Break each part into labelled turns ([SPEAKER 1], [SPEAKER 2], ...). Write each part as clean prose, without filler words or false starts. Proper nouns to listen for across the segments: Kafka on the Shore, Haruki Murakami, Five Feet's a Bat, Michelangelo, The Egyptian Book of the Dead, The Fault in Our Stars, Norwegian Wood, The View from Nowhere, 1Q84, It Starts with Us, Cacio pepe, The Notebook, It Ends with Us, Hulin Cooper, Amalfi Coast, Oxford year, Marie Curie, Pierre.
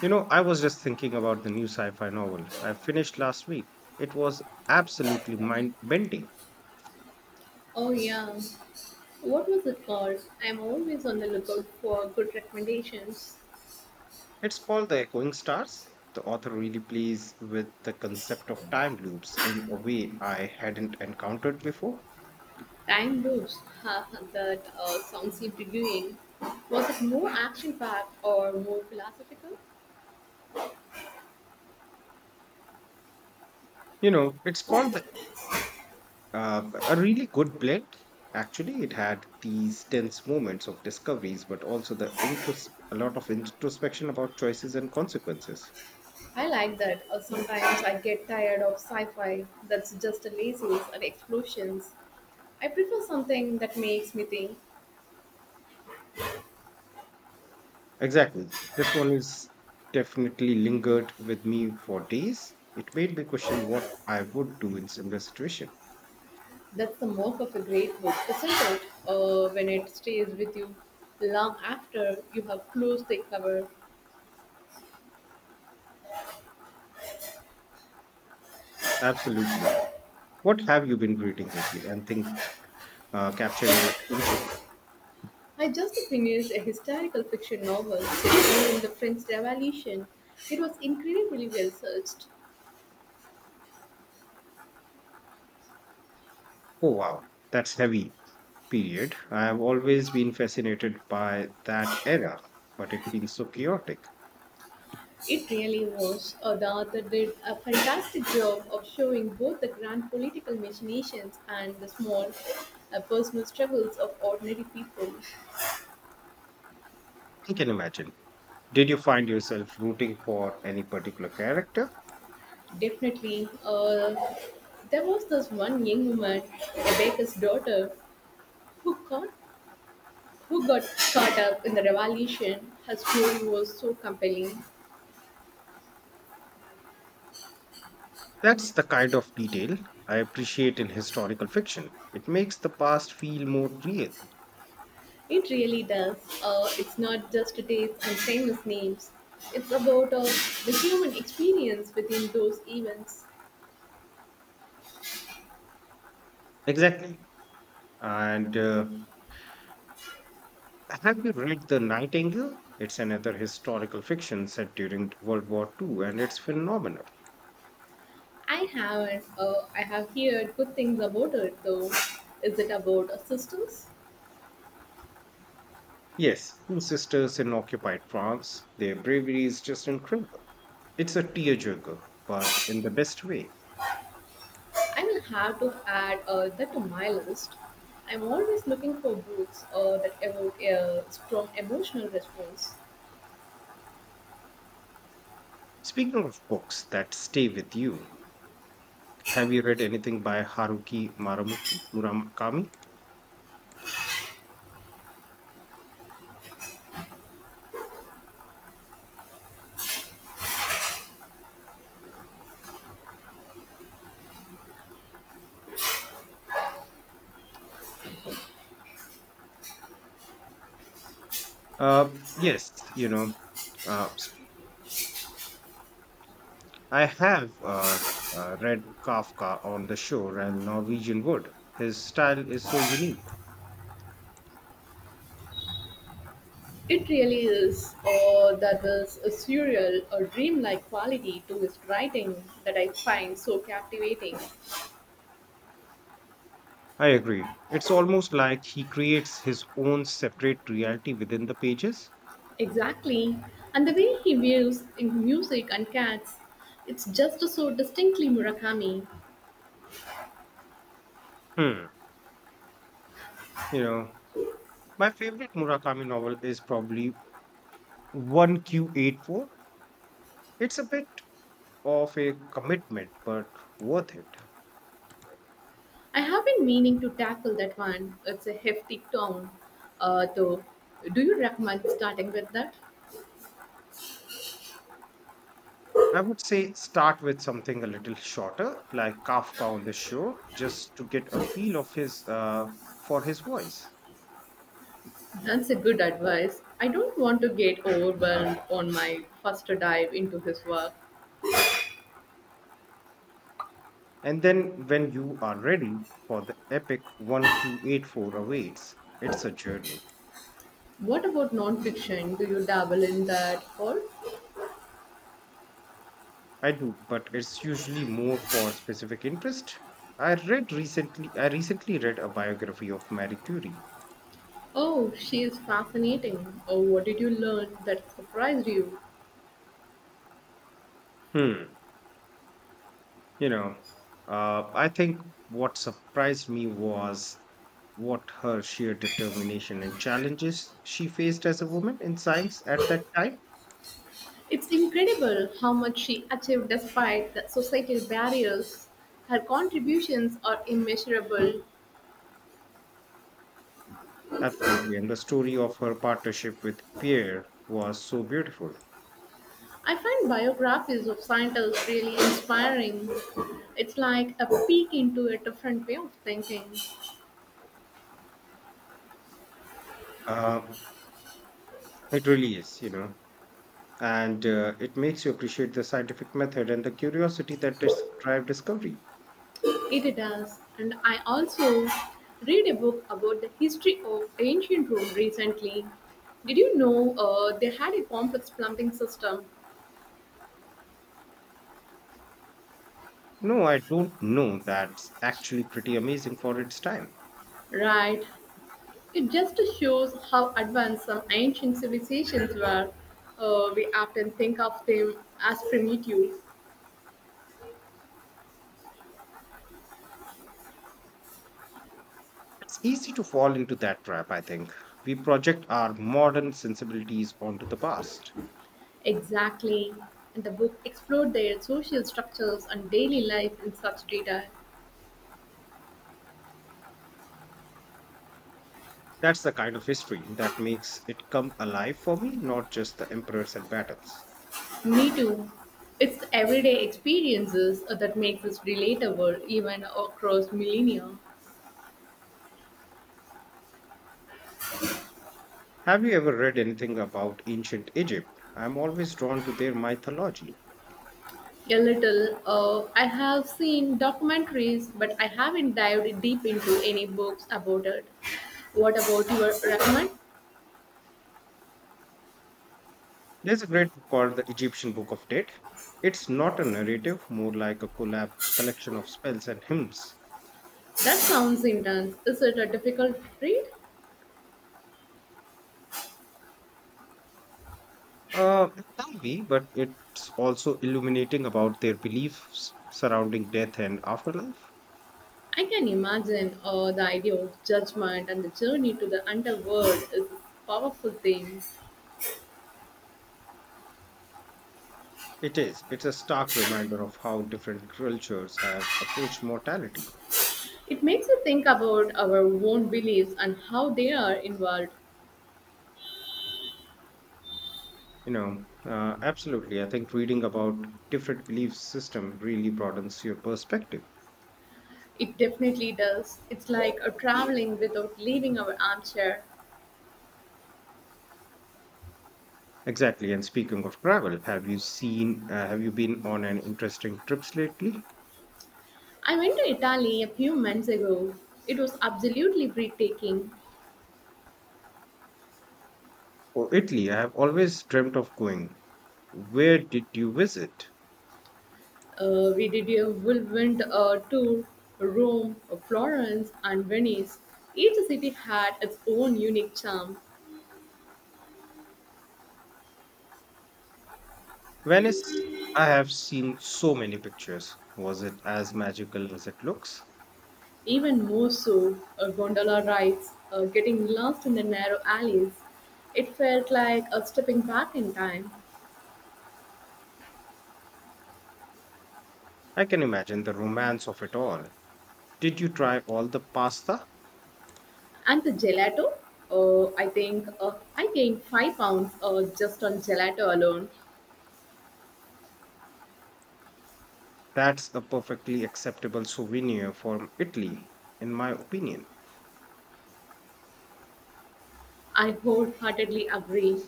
[SPEAKER 1] You know, I was just thinking about the new sci fi novel I finished last week. It was absolutely mind bending.
[SPEAKER 2] Oh yeah. What was it called? I'm always on the lookout for good recommendations.
[SPEAKER 1] It's called The Echoing Stars. The author really plays with the concept of time loops in a way I hadn't encountered before.
[SPEAKER 2] Time loops. Ha, ha, that sounds intriguing. Was it more action-packed or more philosophical?
[SPEAKER 1] You know, it's called a really good blend. Actually, it had these tense moments of discoveries, but also a lot of introspection about choices and consequences.
[SPEAKER 2] I like that. Sometimes I get tired of sci-fi that's just a laziness and explosions. I prefer something that makes me think.
[SPEAKER 1] Exactly. This one is definitely lingered with me for days. It made me question what I would do in similar situation.
[SPEAKER 2] That's the mark of a great book, isn't it? When it stays with you long after you have closed the cover.
[SPEAKER 1] Absolutely. What have you been reading lately? And think capture your attention.
[SPEAKER 2] I just finished a historical fiction novel set during the French Revolution. It was incredibly well searched.
[SPEAKER 1] Oh wow, that's heavy. Period. I have always been fascinated by that era, but it feels so chaotic.
[SPEAKER 2] It really was. The author did a fantastic job of showing both the grand political machinations and the small personal struggles of ordinary people.
[SPEAKER 1] I can imagine. Did you find yourself rooting for any particular character?
[SPEAKER 2] Definitely, there was this one young woman, a baker's daughter, who got who got caught up in the revolution. Her story was so compelling.
[SPEAKER 1] That's the kind of detail I appreciate in historical fiction. It makes the past feel more real.
[SPEAKER 2] It really does. It's not just dates and famous names. It's about the human experience within those events.
[SPEAKER 1] Exactly. And Have you read The Nightingale? It's another historical fiction set during World War Two, and it's phenomenal.
[SPEAKER 2] I haven't. I have heard good things about it though. Is it about systems?
[SPEAKER 1] Yes, two sisters in occupied France. Their bravery is just incredible. It's a tearjerker, but in the best way.
[SPEAKER 2] I will have to add that to my list. I'm always looking for books that evoke a strong emotional response.
[SPEAKER 1] Speaking of books that stay with you, have you read anything by Murakami? Yes, uh, s- I have read Kafka on the shore and Norwegian Wood. His style is so unique.
[SPEAKER 2] It really is, or that there's a surreal or dreamlike quality to his writing that I find so captivating.
[SPEAKER 1] I agree. It's almost like he creates his own separate reality within the pages.
[SPEAKER 2] Exactly. And the way he weaves in music and cats, it's just so distinctly Murakami.
[SPEAKER 1] Hmm. You know, my favorite Murakami novel is probably 1Q84. It's a bit of a commitment, but worth it.
[SPEAKER 2] I have been meaning to tackle that one. It's a hefty tome, though. Do you recommend starting with that?
[SPEAKER 1] I would say start with something a little shorter, like Kafka on the Shore, just to get a feel of his for his voice.
[SPEAKER 2] That's a good advice. I don't want to get overwhelmed on my first dive into his work.
[SPEAKER 1] And then when you are ready for the epic 1Q84 awaits, it's a journey.
[SPEAKER 2] What about nonfiction? Do you dabble in that or?
[SPEAKER 1] I do, but it's usually more for specific interest. I recently read a biography of Marie Curie.
[SPEAKER 2] Oh, she is fascinating. Oh, what did you learn that surprised you?
[SPEAKER 1] Hmm. You know, I think what surprised me was what her sheer determination and challenges she faced as a woman in science at that time.
[SPEAKER 2] It's incredible how much she achieved despite the societal barriers. Her contributions are immeasurable.
[SPEAKER 1] Absolutely. And the story of her partnership with Pierre was so beautiful.
[SPEAKER 2] I find biographies of scientists really inspiring. It's like a peek into a different way of thinking.
[SPEAKER 1] Um, it really is, you know. And It makes you appreciate the scientific method and the curiosity that drive discovery.
[SPEAKER 2] It does. And I also read a book about the history of ancient Rome recently. Did you know they had a complex plumbing system?
[SPEAKER 1] No, I don't know. That's actually pretty amazing for its time.
[SPEAKER 2] Right. It just shows how advanced some ancient civilizations were. We often think of them as primitive.
[SPEAKER 1] It's easy to fall into that trap, I think. We project our modern sensibilities onto the past.
[SPEAKER 2] Exactly. And the book explored their social structures and daily life in such detail.
[SPEAKER 1] That's the kind of history that makes it come alive for me, not just the emperors and battles.
[SPEAKER 2] Me too. It's the everyday experiences that makes us relatable even across millennia.
[SPEAKER 1] Have you ever read anything about ancient Egypt? I'm always drawn to their mythology.
[SPEAKER 2] A little. I have seen documentaries, but I haven't dived deep into any books about it. What about your recommend?
[SPEAKER 1] There's a great book called The Egyptian Book of Dead. It's not a narrative, more like a collab collection of spells and hymns.
[SPEAKER 2] That sounds intense. Is it a difficult read?
[SPEAKER 1] It can be, but it's also illuminating about their beliefs surrounding death and afterlife.
[SPEAKER 2] I can imagine the idea of judgment and the journey to the underworld is a powerful thing.
[SPEAKER 1] It is. It's a stark reminder of how different cultures have approached mortality.
[SPEAKER 2] It makes you think about our own beliefs and how they are involved.
[SPEAKER 1] Absolutely. I think reading about different belief system really broadens your perspective.
[SPEAKER 2] It definitely does. It's like a traveling without leaving our armchair.
[SPEAKER 1] Exactly. And speaking of travel, have you been on an interesting trips lately?
[SPEAKER 2] I went to Italy a few months ago. It was absolutely breathtaking.
[SPEAKER 1] Oh, Italy. I have always dreamt of going. Where did you visit?
[SPEAKER 2] We did a whirlwind tour Rome, Florence, and Venice. Each city had its own unique charm,
[SPEAKER 1] Venice. I have seen so many pictures. Was it as magical as it looks?
[SPEAKER 2] even more so gondola rides, getting lost in the narrow alleys. It felt like a stepping back in time.
[SPEAKER 1] I can imagine the romance of it all. Did you try all the pasta?
[SPEAKER 2] And the gelato? I think I gained five pounds just on gelato alone.
[SPEAKER 1] That's a perfectly acceptable souvenir from Italy, in my opinion.
[SPEAKER 2] I wholeheartedly agree.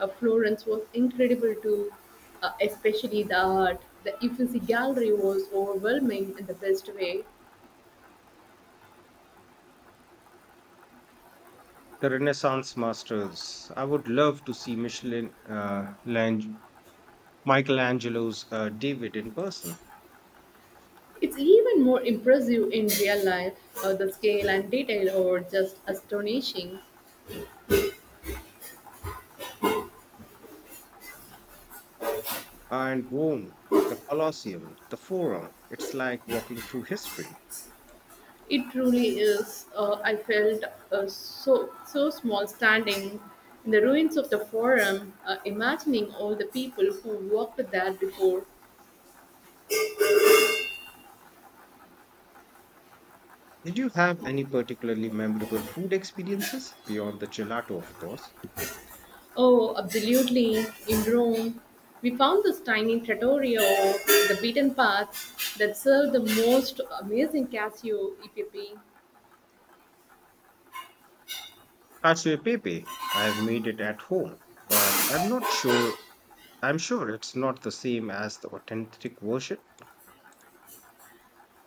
[SPEAKER 2] Florence was incredible too, especially the art. The Uffizi Gallery was overwhelming in the best way.
[SPEAKER 1] The Renaissance masters. I would love to see Michelangelo's David in person.
[SPEAKER 2] It's even more impressive in real life. The scale and detail are just astonishing.
[SPEAKER 1] And Rome, the Colosseum, the Forum. It's like walking through history.
[SPEAKER 2] It truly is. I felt so small standing in the ruins of the forum, imagining all the people who walked there before.
[SPEAKER 1] Did you have any particularly memorable food experiences beyond the gelato, of course?
[SPEAKER 2] Oh, absolutely. In Rome, we found this tiny trattoria off the beaten path that served the most amazing Casio e pepe.
[SPEAKER 1] Cacio pepe, I've made it at home, but I'm not sure. I'm sure it's not the same as the authentic version.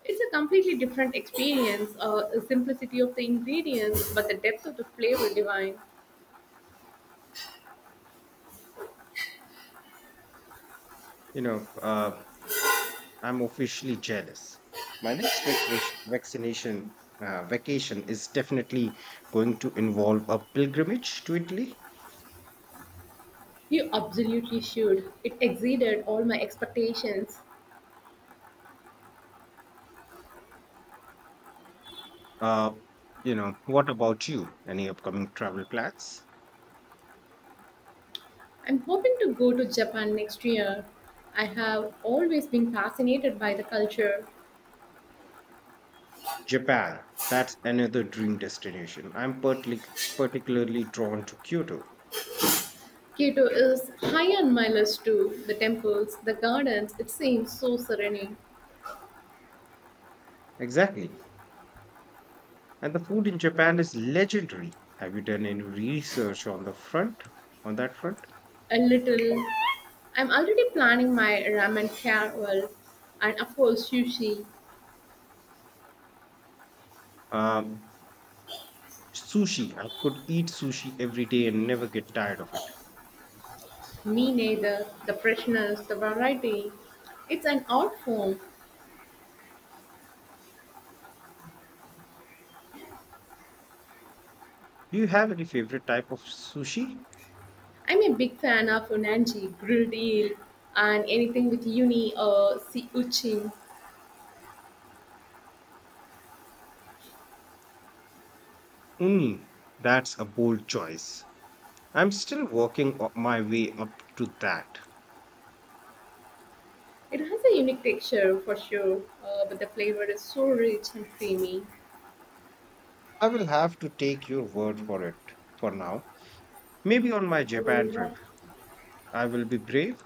[SPEAKER 2] It's a completely different experience, the simplicity of the ingredients, but the depth of the flavor divine.
[SPEAKER 1] You know, uh, I'm officially jealous. My vacation is definitely going to involve a pilgrimage to Italy.
[SPEAKER 2] You absolutely should. It exceeded all my expectations.
[SPEAKER 1] Uh, what about you? Any upcoming travel plans?
[SPEAKER 2] I'm hoping to go to Japan next year. I have always been fascinated by the culture.
[SPEAKER 1] Japan, that's another dream destination. I'm particularly drawn to Kyoto.
[SPEAKER 2] Kyoto is high on my list too. The temples, the gardens, it seems so serene.
[SPEAKER 1] Exactly. And the food in Japan is legendary. Have you done any research on that front?
[SPEAKER 2] A little. I'm already planning my ramen travel and of course sushi.
[SPEAKER 1] Um, Sushi. I could eat sushi every day and never get tired of it.
[SPEAKER 2] Me neither. The freshness, the variety. It's an art form.
[SPEAKER 1] Do you have any favorite type of sushi?
[SPEAKER 2] I'm a big fan of unagi, grilled eel, and anything with uni or sea urchin.
[SPEAKER 1] Mm, that's a bold choice. I'm still my way up to that.
[SPEAKER 2] It has a unique texture for sure, but the flavor is so rich and creamy.
[SPEAKER 1] I will have to take your word for it for now. Maybe on my Japan trip, I will be brave.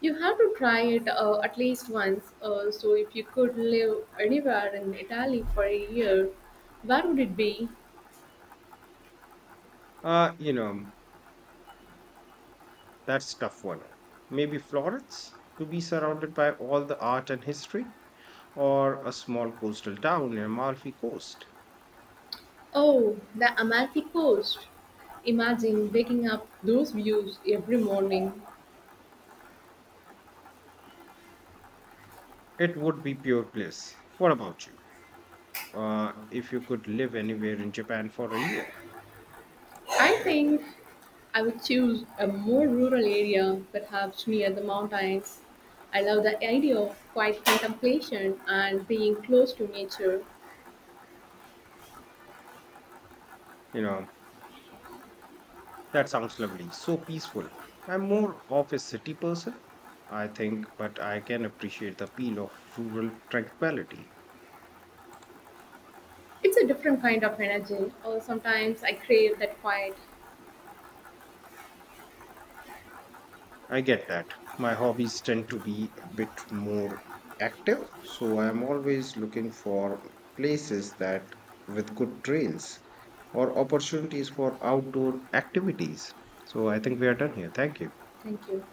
[SPEAKER 2] You have to try it at least once. So, if you could live anywhere in Italy for a year, where would it be?
[SPEAKER 1] Uh, you know, that's tough one. Maybe Florence to be surrounded by all the art and history, or a small coastal town near Amalfi Coast.
[SPEAKER 2] Oh, the Amalfi Coast. Imagine waking up those views every morning.
[SPEAKER 1] It would be pure bliss. What about you? If you could live anywhere in Japan for a year,
[SPEAKER 2] I think I would choose a more rural area, perhaps near the mountains. I love the idea of quiet contemplation and being close to nature.
[SPEAKER 1] you know, that sounds lovely. So peaceful. I'm more of a city person, I think, but I can appreciate the appeal of rural tranquility.
[SPEAKER 2] It's a different kind of energy. Oh, sometimes I crave that quiet.
[SPEAKER 1] I get that. My hobbies tend to be a bit more active, so I'm always looking for places that with good trails or opportunities for outdoor activities. So I think we are done here. Thank you.
[SPEAKER 2] Thank you.